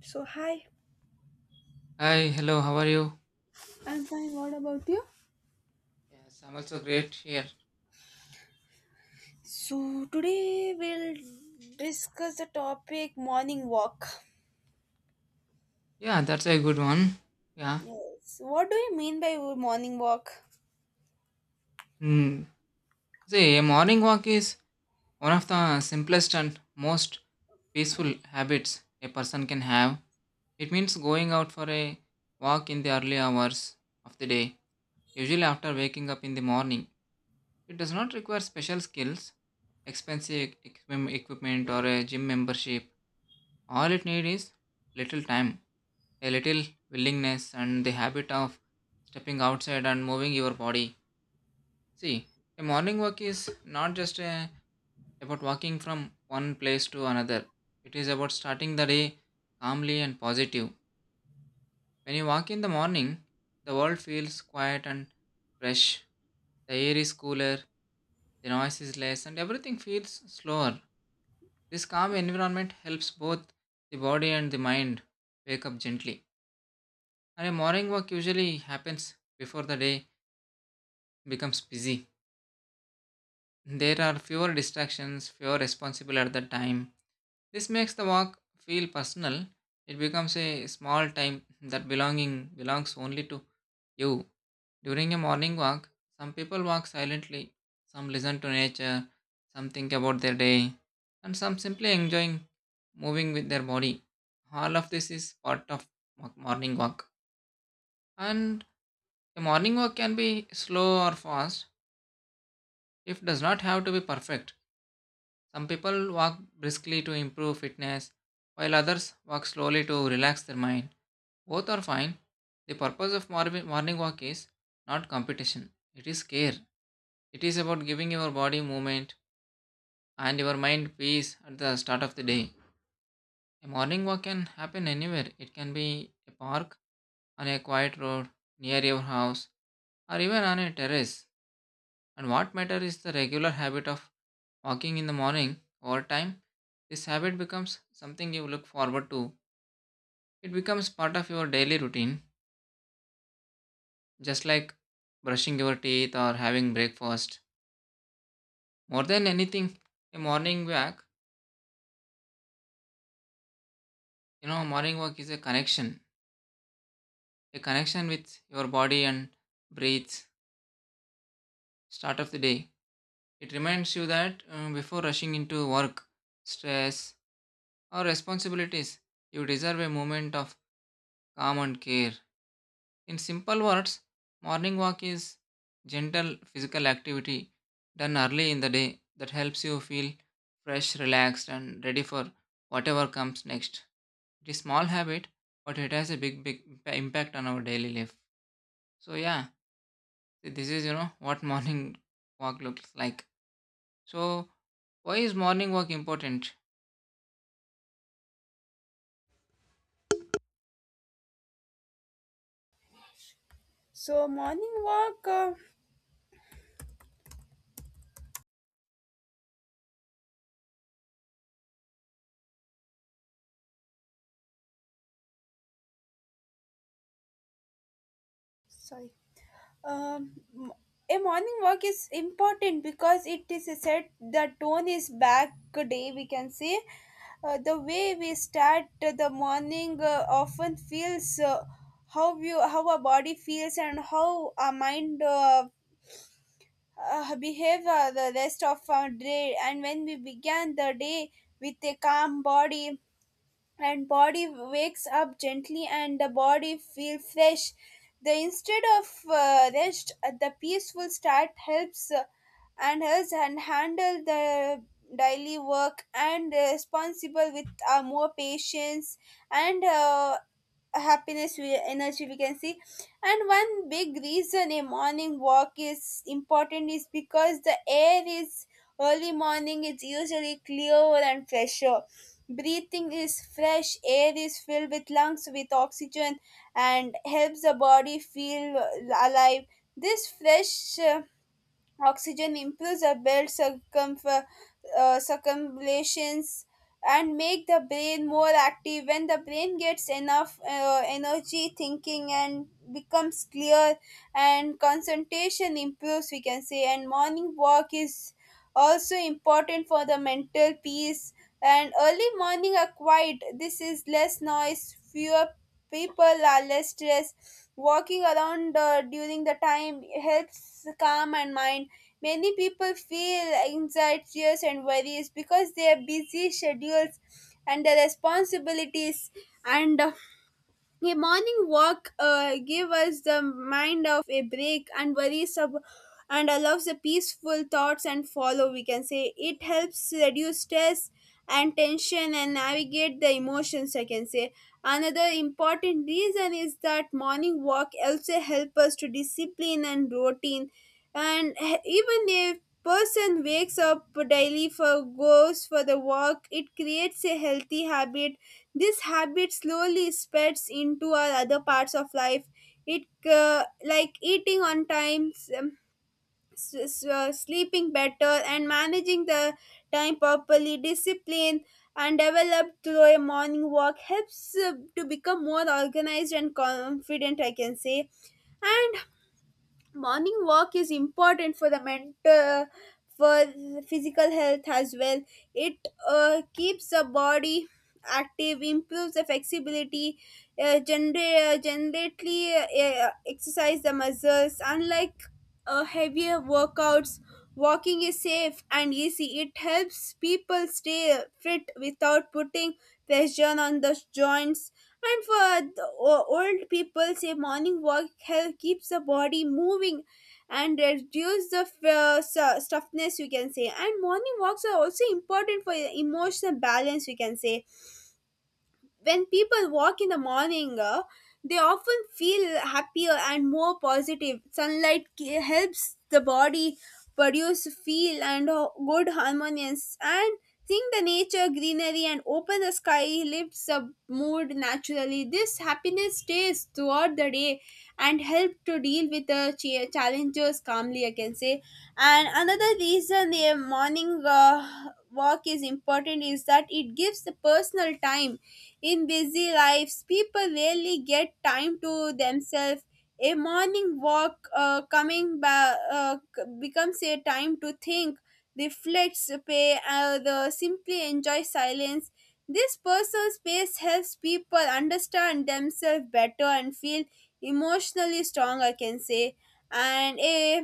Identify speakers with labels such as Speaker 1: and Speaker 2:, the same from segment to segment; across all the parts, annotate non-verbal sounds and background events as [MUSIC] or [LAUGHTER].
Speaker 1: So, hi.
Speaker 2: Hi, hello, how are you?
Speaker 1: I'm fine. What about you?
Speaker 2: Yes, I'm also great here.
Speaker 1: So, today we'll discuss the topic morning walk.
Speaker 2: Yeah, that's a good one. Yeah.
Speaker 1: Yes. What do you mean by morning walk?
Speaker 2: Hmm. See, a morning walk is one of the simplest and most peaceful habits a person can have. It means going out for a walk in the early hours of the day, usually after waking up in the morning. It does not require special skills, expensive equipment, or a gym membership. All it needs is little time, a little willingness and the habit of stepping outside and moving your body. See, a morning walk is not just about walking from one place to another, it is about starting the day calmly and positive. When you walk in the morning, the world feels quiet and fresh, the air is cooler, the noise is less, and everything feels slower. This calm environment helps both the body and the mind wake up gently. And a morning walk usually happens before the day becomes busy. There are fewer distractions, fewer responsible at the time. This makes the walk feel personal. It becomes a small time that belonging belongs only to you. During a morning walk, some people walk silently, some listen to nature, some think about their day, and some simply enjoying moving with their body. All of this is part of morning walk. And a morning walk can be slow or fast. It does not have to be perfect. Some people walk briskly to improve fitness, while others walk slowly to relax their mind. Both are fine. The purpose of morning walk is not competition, it is care. It is about giving your body movement and your mind peace at the start of the day. A morning walk can happen anywhere. It can be a park, on a quiet road, near your house, or even on a terrace. And what matters is the regular habit of walking in the morning over time. This habit becomes something you look forward to. It becomes part of your daily routine, just like brushing your teeth or having breakfast. More than anything, a morning walk, morning walk is a connection with your body and breath. Start of the day. It reminds you that before rushing into work, stress, or responsibilities, you deserve a moment of calm and care. In simple words, morning walk is gentle physical activity done early in the day that helps you feel fresh, relaxed, and ready for whatever comes next. It is small habit, but it has a big, big impact on our daily life. So yeah, this is [LAUGHS] what morning walk looks like. So why is morning walk important?
Speaker 1: So, morning walk, sorry. Um, m- a morning walk is important because it is a set the tone is back day, we can say. The way we start the morning often feels how you how our body feels and how our mind behavior the rest of our day. And when we began the day with a calm body and body wakes up gently and the body feel fresh the instead of rest the peaceful start helps and helps and handle the daily work and responsible with more patience and happiness we, energy we can see. And one big reason a morning walk is important is because the air is early morning, it's usually clear and fresher. Breathing is fresh air is filled with lungs with oxygen and helps the body feel alive. This fresh oxygen improves the blood circulations and make the brain more active. When the brain gets enough energy, thinking and becomes clear and concentration improves, we can say. And morning walk is also important for the mental peace, and early morning are quiet, this is less noise, fewer people are less stressed. Walking around during the time helps calm and mind. Many people feel anxieties and worries because their busy schedules and the responsibilities, and a morning walk gives us the mind of a break and worries of, and allows the peaceful thoughts and follow. We can say it helps reduce stress and tension and navigate the emotions, I can say. Another important reason is that morning walk also help us to discipline and routine, and even if person wakes up daily for goes for the walk, it creates a healthy habit. This habit slowly spreads into our other parts of life. It, like eating on time, sleeping better and managing the time properly, discipline and developed through a morning walk helps to become more organized and confident, I can say. And morning walk is important for the mental, for the physical health as well. It keeps the body active, improves the flexibility, generally exercise the muscles unlike heavier workouts. Walking is safe and easy. It helps people stay fit without putting pressure on the joints. And for the old people, say morning walk help keeps the body moving and reduce the stiffness, you can say. And morning walks are also important for emotional balance, you can say. When people walk in the morning, they often feel happier and more positive. Sunlight helps the body produce feel and good harmonious, and seeing the nature greenery and open the sky lifts the mood naturally. This happiness stays throughout the day and help to deal with the challenges calmly, I can say. And another reason a morning walk is important is that it gives the personal time. In busy lives, people rarely get time to themselves. A morning walk becomes a time to think, reflect, pay, the simply enjoy silence. This personal space helps people understand themselves better and feel emotionally strong, I can say. And a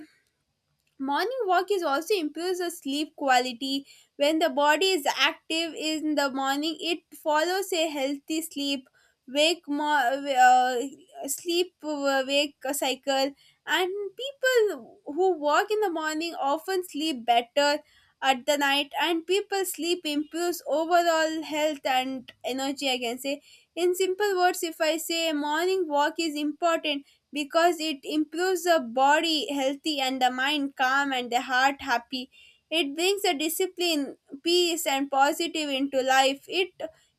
Speaker 1: morning walk is also improves the sleep quality. When the body is active in the morning, it follows a healthy sleep wake cycle. And people who walk in the morning often sleep better at the night, and people sleep improves overall health and energy, I can say. In simple words, if I say morning walk is important because it improves the body healthy and the mind calm and the heart happy. It brings a discipline, peace and positive into life. it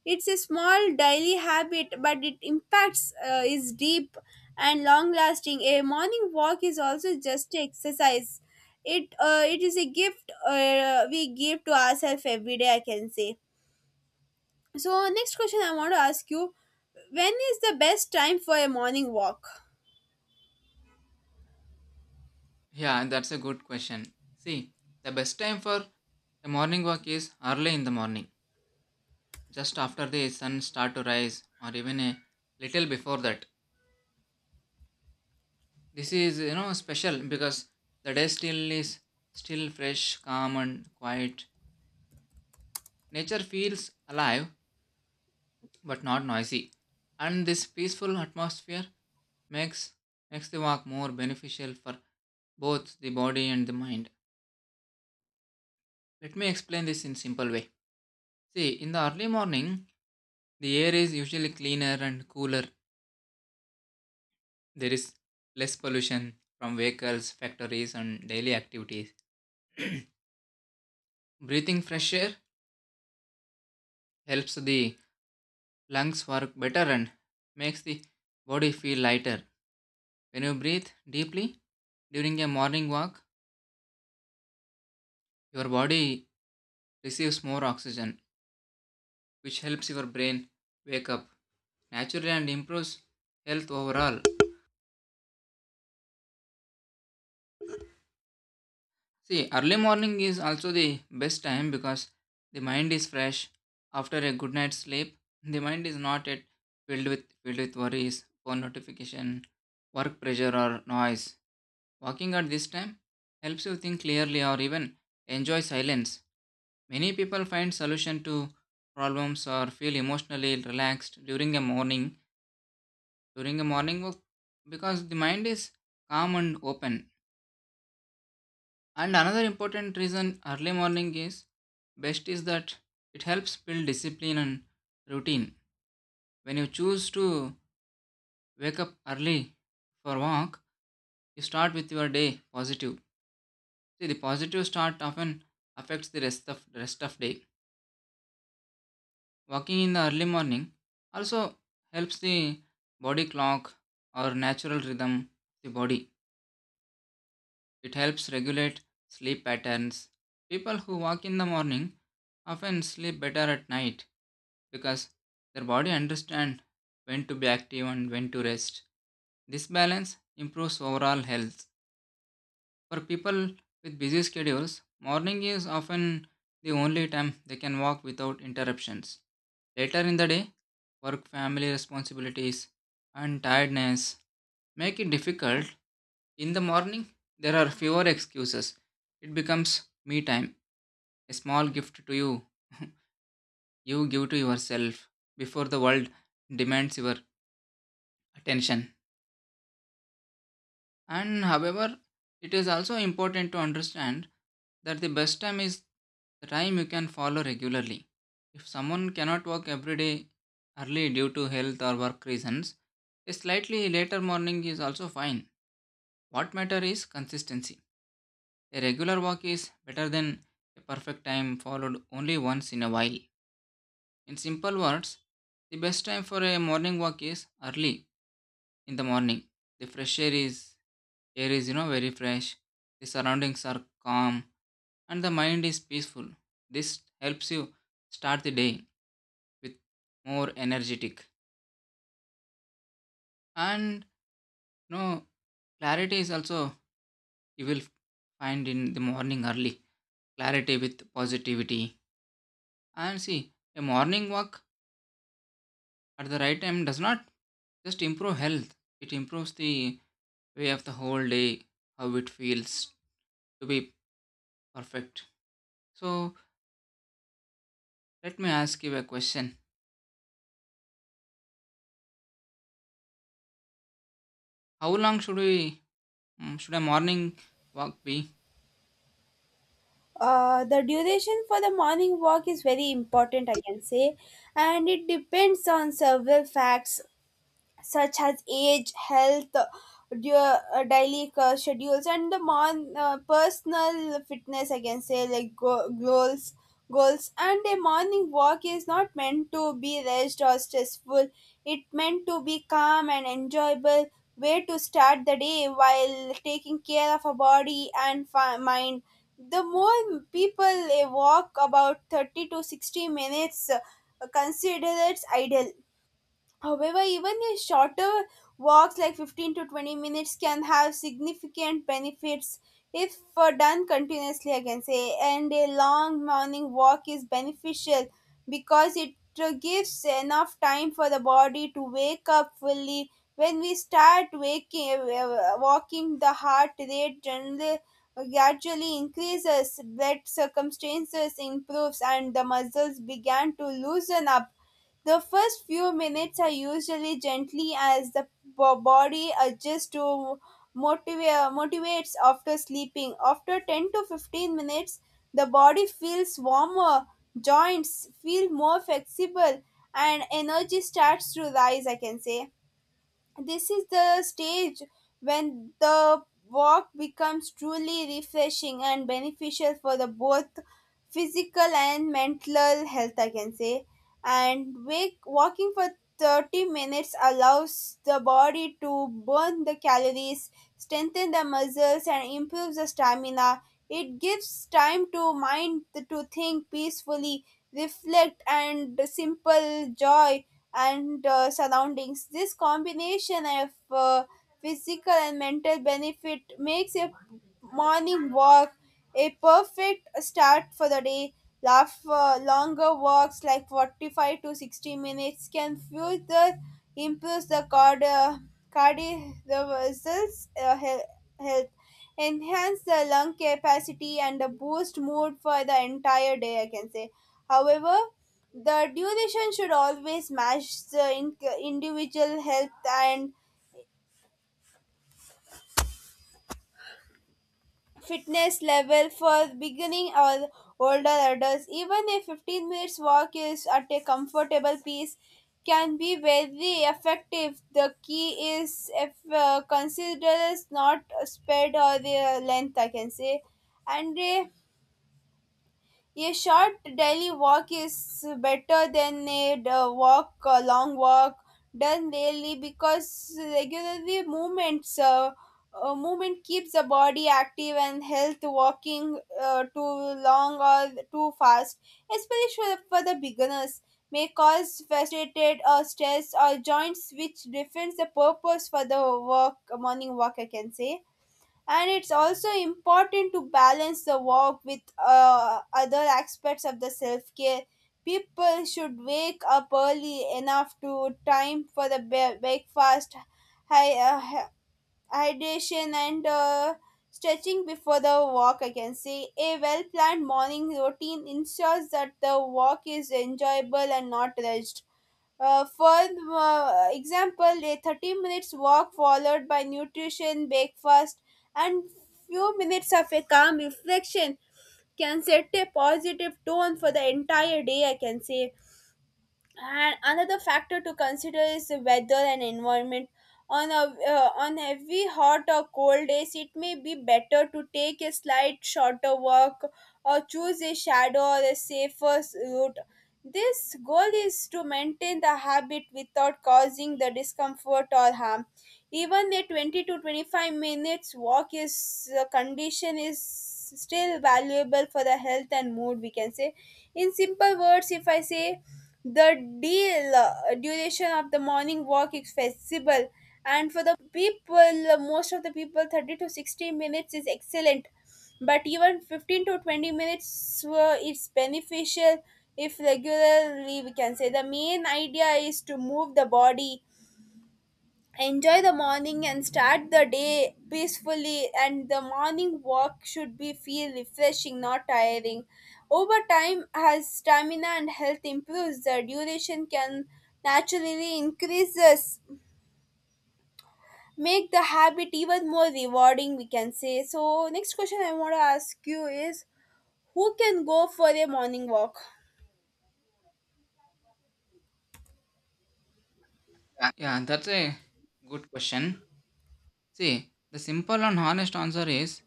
Speaker 1: it's a small daily habit, but it impacts is deep and long lasting. A morning walk is also just a exercise. It is a gift we give to ourselves every day, I can say. So, next question I want to ask you, when is the best time for a morning walk?
Speaker 2: Yeah, that's a good question. See, the best time for a morning walk is early in the morning just after the sun start to rise or even a little before that. This is, you know, special because the day still is still fresh, calm and quiet. Nature feels alive but not noisy, and this peaceful atmosphere makes makes the walk more beneficial for both the body and the mind. Let me explain this in simple way. See, in the early morning the air is usually cleaner and cooler. There is less pollution from vehicles, factories, and daily activities. [CLEARS THROAT] Breathing fresh air helps the lungs work better and makes the body feel lighter. When you breathe deeply during a morning walk, your body receives more oxygen, which helps your brain wake up naturally and improves health overall. See, early morning is also the best time because the mind is fresh. After a good night's sleep, the mind is not yet filled with worries, phone notification, work pressure or noise. Walking at this time helps you think clearly or even enjoy silence. Many people find solution to problems or feel emotionally relaxed during a morning walk because the mind is calm and open. And another important reason early morning is best is that it helps build discipline and routine. When you choose to wake up early for walk, you start with your day positive. See, the positive start often affects the rest of day. Walking in the early morning also helps the body clock or natural rhythm of the body. It helps regulate sleep patterns. People who walk in the morning often sleep better at night because their body understands when to be active and when to rest. This balance improves overall health. For people with busy schedules, morning is often the only time they can walk without interruptions. Later in the day, work, family responsibilities, and tiredness make it difficult. In the morning, there are fewer excuses. It becomes me time, a small gift to you, you give to yourself before the world demands your attention. And however, it is also important to understand that the best time is the time you can follow regularly. If someone cannot work every day early due to health or work reasons, a slightly later morning is also fine. What matters is consistency. A regular walk is better than a perfect time followed only once in a while. In simple words, the best time for a morning walk is early in the morning. The fresh air is air is, you know, very fresh. The surroundings are calm and the mind is peaceful. This helps you start the day with more energetic, and, you know, clarity is also you will find in the morning early, clarity with positivity. And see, a morning walk at the right time does not just improve health, it improves the way of the whole day, how it feels to be perfect. So, let me ask you a question. How long should we, should a morning walk be?
Speaker 1: The duration for the morning walk is very important, I can say, and it depends on several facts such as age, health, your daily schedules, and the personal fitness, I can say. Like goals, and a morning walk is not meant to be rushed or stressful. It meant to be calm and enjoyable way to start the day while taking care of our body and mind. The more people walk about 30 to 60 minutes, consider it's ideal. However, even a shorter walks like 15 to 20 minutes can have significant benefits if done continuously, I can say. And a long morning walk is beneficial because it gives enough time for the body to wake up fully. When we start walking, the heart rate generally gradually increases, blood circumstances improves, and the muscles began to loosen up. The first few minutes are usually gently as the body adjusts to motivates after sleeping. After 10 to 15 minutes, the body feels warmer, joints feel more flexible, and energy starts to rise, I can say. This is the stage when the walk becomes truly refreshing and beneficial for the both physical and mental health, I can say. And walking for 30 minutes allows the body to burn the calories, strengthen the muscles, and improves the stamina. It gives time to mind to think peacefully, reflect, and simple joy and surroundings. This combination of physical and mental benefit makes a morning walk a perfect start for the day. Laugh, longer walks like 45 to 60 minutes can further improve the cardiovascular health, enhance the lung capacity, and boost mood for the entire day, I can say. However, the duration should always match the individual health and fitness level for beginning or older adults. Even a 15 minutes walk is at a comfortable pace can be very effective. The key is if consider is not spread or the length, I can say. And a A short daily walk is better than a a long walk done daily because movement keeps the body active and health. Walking too long or too fast, especially for the beginners, may cause frustrated or stress or joints, which defends the purpose for the work morning walk, I can say. And it's also important to balance the walk with other aspects of the self-care. People should wake up early enough to time for the breakfast, hy- uh, hy- hydration and stretching before the walk, I can say. A well-planned morning routine ensures that the walk is enjoyable and not rushed. For example, a 30 minutes walk followed by nutrition, breakfast, and few minutes of a calm reflection can set a positive tone for the entire day, I can say. And another factor to consider is the weather and environment. On heavy hot or cold days, it may be better to take a slight shorter walk or choose a shadow or a safer route. This goal is to maintain the habit without causing the discomfort or harm. Even a 20 to 25 minutes walk is condition is still valuable for the health and mood, we can say. In simple words, if I say the deal duration of the morning walk is flexible, and for the people, most of the people, 30 to 60 minutes is excellent. But even 15 to 20 minutes is beneficial if regularly, we can say. The main idea is to move the body, enjoy the morning, and start the day peacefully, and the morning walk should be feel refreshing, not tiring. Over time, as stamina and health improves, the duration can naturally increases, make the habit even more rewarding, we can say. So next question I want to ask you is, who can go for a morning walk?
Speaker 2: Yeah, that's a good question. See, the simple and honest answer is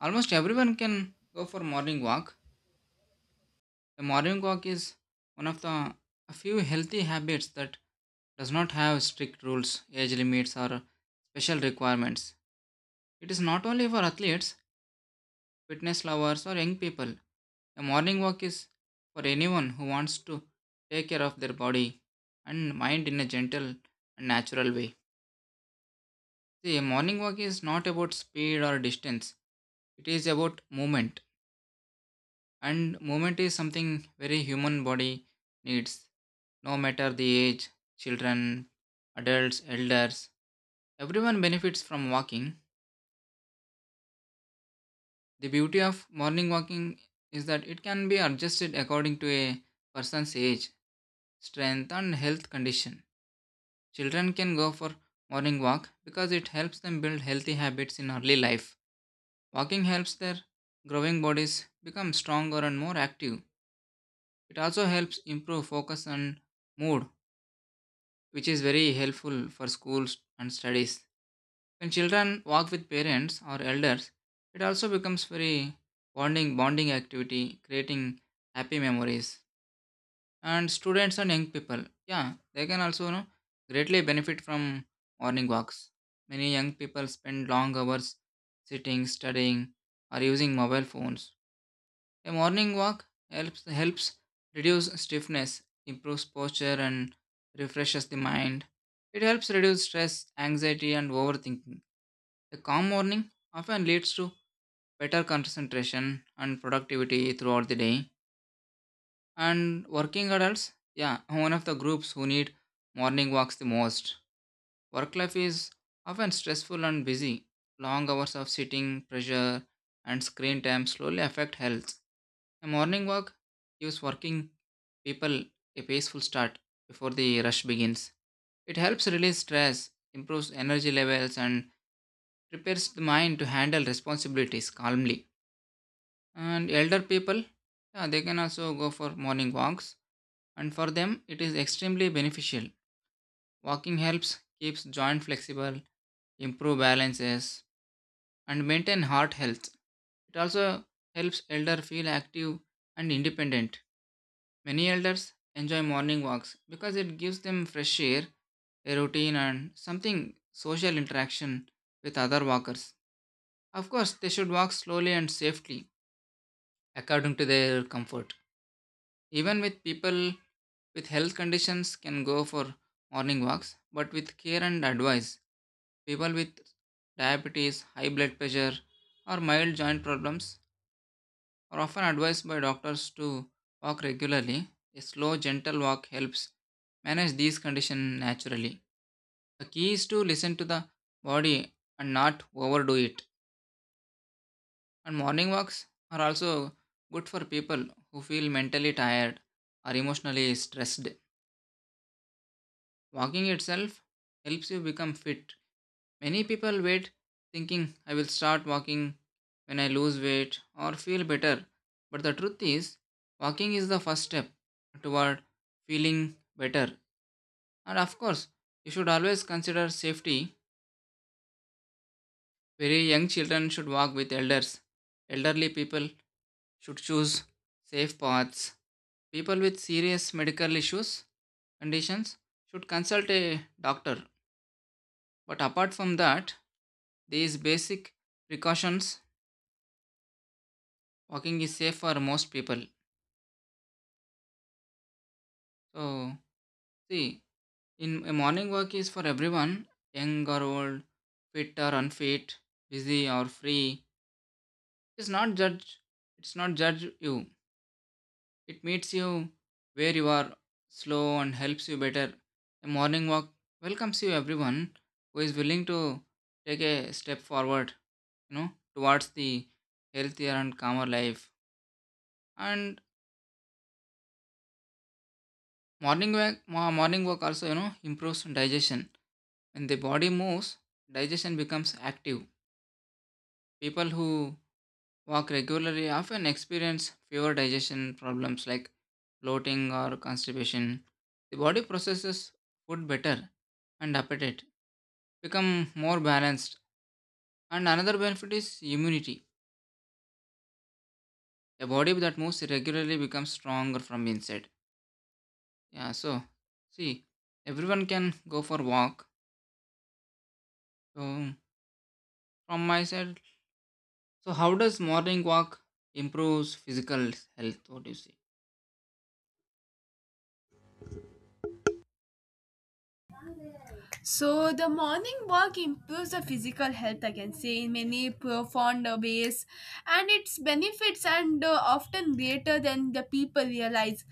Speaker 2: almost everyone can go for morning walk. A morning walk is one of the a few healthy habits that does not have strict rules, age limits, or special requirements. It is not only for athletes, fitness lovers, or young people. A morning walk is for anyone who wants to take care of their body and mind in a gentle and natural way. See, a morning walk is not about speed or distance, it is about movement. And movement is something very human body needs. No matter the age, children, adults, elders, everyone benefits from walking. The beauty of morning walking is that it can be adjusted according to a person's age, strength, and health condition. Children can go for morning walk because it helps them build healthy habits in early life. Walking helps their growing bodies become stronger and more active. It also helps improve focus and mood, which is very helpful for schools and studies. When children walk with parents or elders, it also becomes very bonding activity, creating happy memories. And students and young people, yeah, they can also, greatly benefit from morning walks. Many young people spend long hours sitting, studying, or using mobile phones. A morning walk helps reduce stiffness, improves posture, and refreshes the mind. It helps reduce stress, anxiety, and overthinking. A calm morning often leads to better concentration and productivity throughout the day. And working adults, yeah, are one of the groups who need morning walks the most. Work life is often stressful and busy. Long hours of sitting, pressure, and screen time slowly affect health. A morning walk gives working people a peaceful start before the rush begins. It helps release stress, improves energy levels, and prepares the mind to handle responsibilities calmly. And elder people, yeah, they can also go for morning walks, and for them, it is extremely beneficial. Walking helps keeps joint flexible, improve balances, and maintain heart health. It also helps elder feel active and independent. Many elders enjoy morning walks because it gives them fresh air, a routine, and something social interaction with other walkers. Of course, they should walk slowly and safely according to their comfort. Even with people with health conditions can go for morning walks, but with care and advice, people with diabetes, high blood pressure, or mild joint problems are often advised by doctors to walk regularly. A slow, gentle walk helps manage these conditions naturally. The key is to listen to the body and not overdo it. And morning walks are also good for people who feel mentally tired or emotionally stressed. Walking itself helps you become fit. Many people wait thinking, I will start walking when I lose weight or feel better. But the truth is, walking is the first step toward feeling better. And of course, you should always consider safety. Very young children should walk with elders. Elderly people should choose safe paths. People with serious medical issues conditions should consult a doctor. But apart from that, these basic precautions, walking is safe for most people. So, see, in a morning walk is for everyone, young or old, fit or unfit, busy or free. It's not judge. It's not judge you. It meets you where you are, slow and helps you better. A morning walk welcomes you everyone who is willing to take a step forward, you know, towards the healthier and calmer life. And morning walk, morning walk also, you know, improves digestion. When the body moves, digestion becomes active. People who walk regularly often experience fewer digestion problems like bloating, or constipation. The body processes food better and appetite become more balanced. And another benefit is immunity. A body that moves regularly becomes stronger from inside. Yeah, so see, everyone can go for walk. So from my side, so how does morning walk improves physical health? What do you see?
Speaker 1: So the morning walk improves the physical health, I can say, in many profound ways, and its benefits and often greater than the people realize.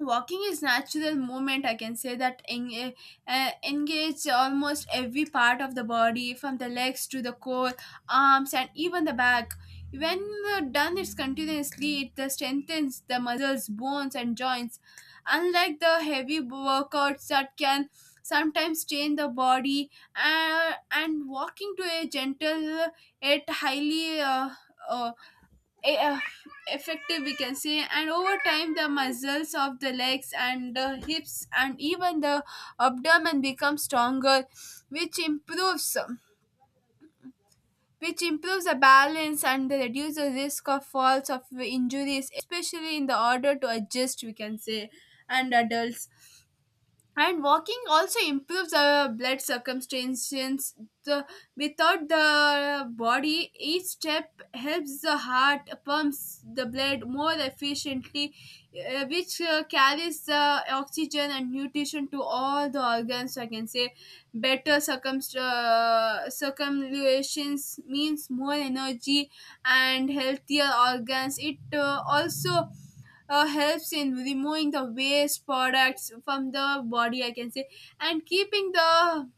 Speaker 1: Walking is natural movement, I can say, that engage almost every part of the body, from the legs to the core, arms, and even the back. When done it's continuously, it strengthens the muscles, bones, and joints. Unlike the heavy workouts that can sometimes strain the body, and walking to a gentle, it highly uh, e- uh, effective, we can say. And over time, the muscles of the legs and the hips and even the abdomen become stronger, which improves, which improves the balance and reduces the risk of falls, of injuries, especially in the order to adjust, we can say, and adults. And walking also improves our blood circumstances, the, without the body. Each step helps the heart pumps the blood more efficiently, which carries the oxygen and nutrition to all the organs, I can say. Better circumlocutions means more energy and healthier organs. It also helps in removing the waste products from the body, I can say, and keeping the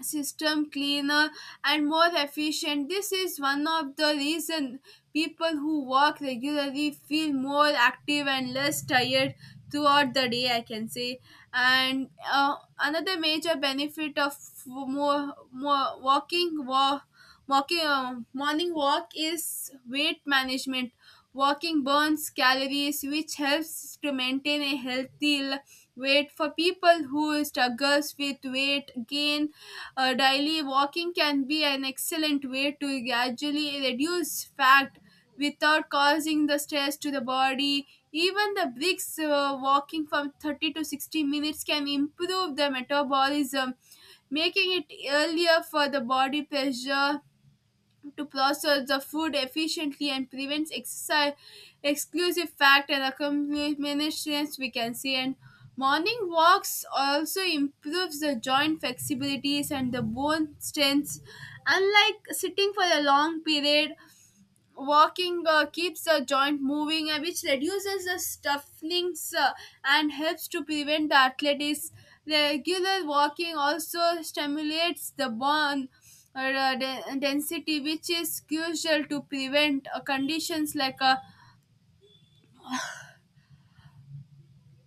Speaker 1: system cleaner and more efficient. This is one of the reason people who walk regularly feel more active and less tired throughout the day, I can say. And another major benefit of more more walking walk walking, morning walk, is weight management. Walking burns calories, which helps to maintain a healthy weight. For people who struggles with weight gain, daily walking can be an excellent way to gradually reduce fat without causing the stress to the body. Even the bricks walking from 30 to 60 minutes can improve the metabolism, making it earlier for the body pressure to process the food efficiently and prevents exercise exclusive fact and accomplishments, we can see. And morning walks also improves the joint flexibilities and the bone strength. Unlike sitting for a long period, walking keeps the joint moving, which reduces the stuffings and helps to prevent arthritis. Regular walking also stimulates the bone density, which is crucial to prevent conditions like uh,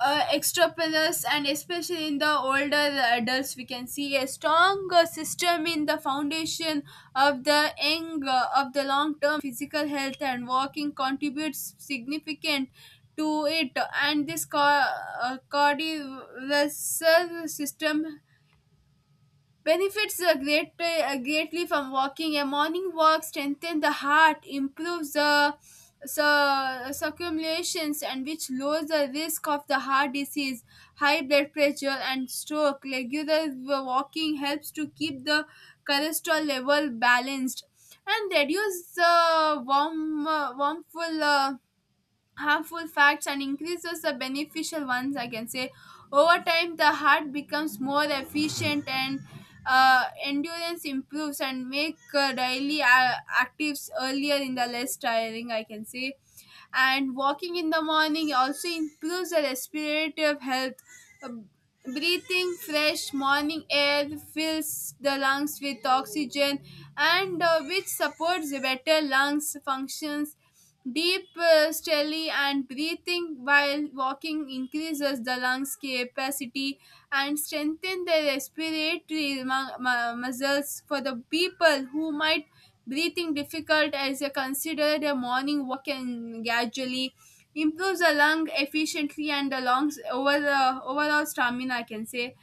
Speaker 1: uh, extrapolus, and especially in the older adults, we can see a stronger system in the foundation of the young, of the long term physical health, and walking contributes significant to it. And this cardiovascular system benefits are great, greatly from walking. A morning walk strengthens the heart, improves the, so, circumlations, and which lowers the risk of the heart disease, high blood pressure, and stroke. Regular walking helps to keep the cholesterol level balanced and reduce the warm, warmful. Harmful facts, and increases the beneficial ones, I can say. Over time, the heart becomes more efficient, and endurance improves, and make daily actives earlier in the less tiring, I can say. And walking in the morning also improves the respirative health. Uh, Breathing fresh morning air fills the lungs with oxygen, and which supports the better lungs functions. Deep steli and breathing while walking increases the lungs capacity and strengthen the respiratory muscles. For the people who might breathing difficult, as they consider their morning walk, and gradually improves the lung efficiently and the lungs over the overall stamina, I can say.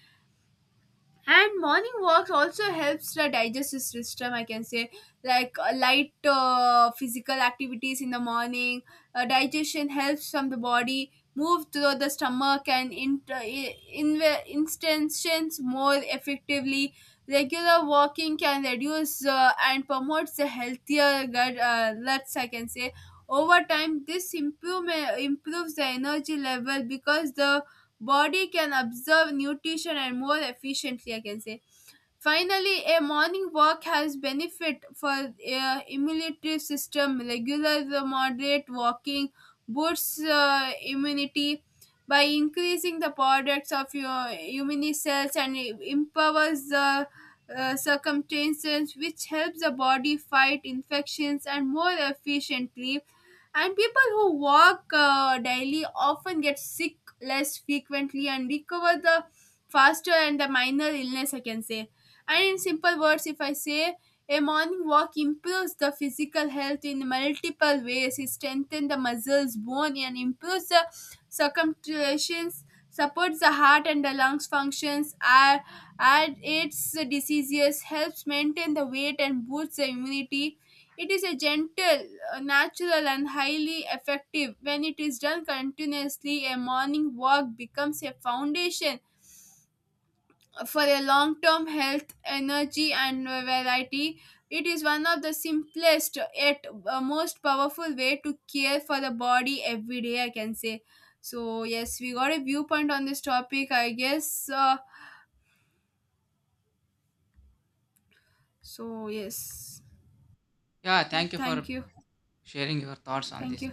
Speaker 1: And morning walks also helps the digestive system, I can say. Like light physical activities in the morning, digestion helps from the body move through the stomach and instances more effectively. Regular walking can reduce and promotes the healthier gut, guts, I can say. Over time, this improvement improves the energy level, because the body can absorb nutrition and more efficiently, I can say. Finally, a morning walk has benefit for immunity system. Regular moderate walking boosts immunity by increasing the products of your immune cells and empowers the circumstances, which helps the body fight infections and more efficiently. And people who walk daily often get sick less frequently and recover the faster and the minor illness, I can say. And in simple words, if I say, a morning walk improves the physical health in multiple ways. It strengthens the muscles, bone, and improves the circumcisions, supports the heart and the lungs functions, add aids the diseases, helps maintain the weight, and boosts the immunity. It is a gentle, natural, and highly effective. When it is done continuously, a morning walk becomes a foundation for a long term health, energy, and variety. It is one of the simplest yet most powerful way to care for the body every day, I can say. So yes, we got a viewpoint on this topic, I guess. So yes,
Speaker 2: Yeah, thank you
Speaker 1: thank
Speaker 2: for
Speaker 1: you,
Speaker 2: sharing your thoughts on
Speaker 1: thank
Speaker 2: this.
Speaker 1: you.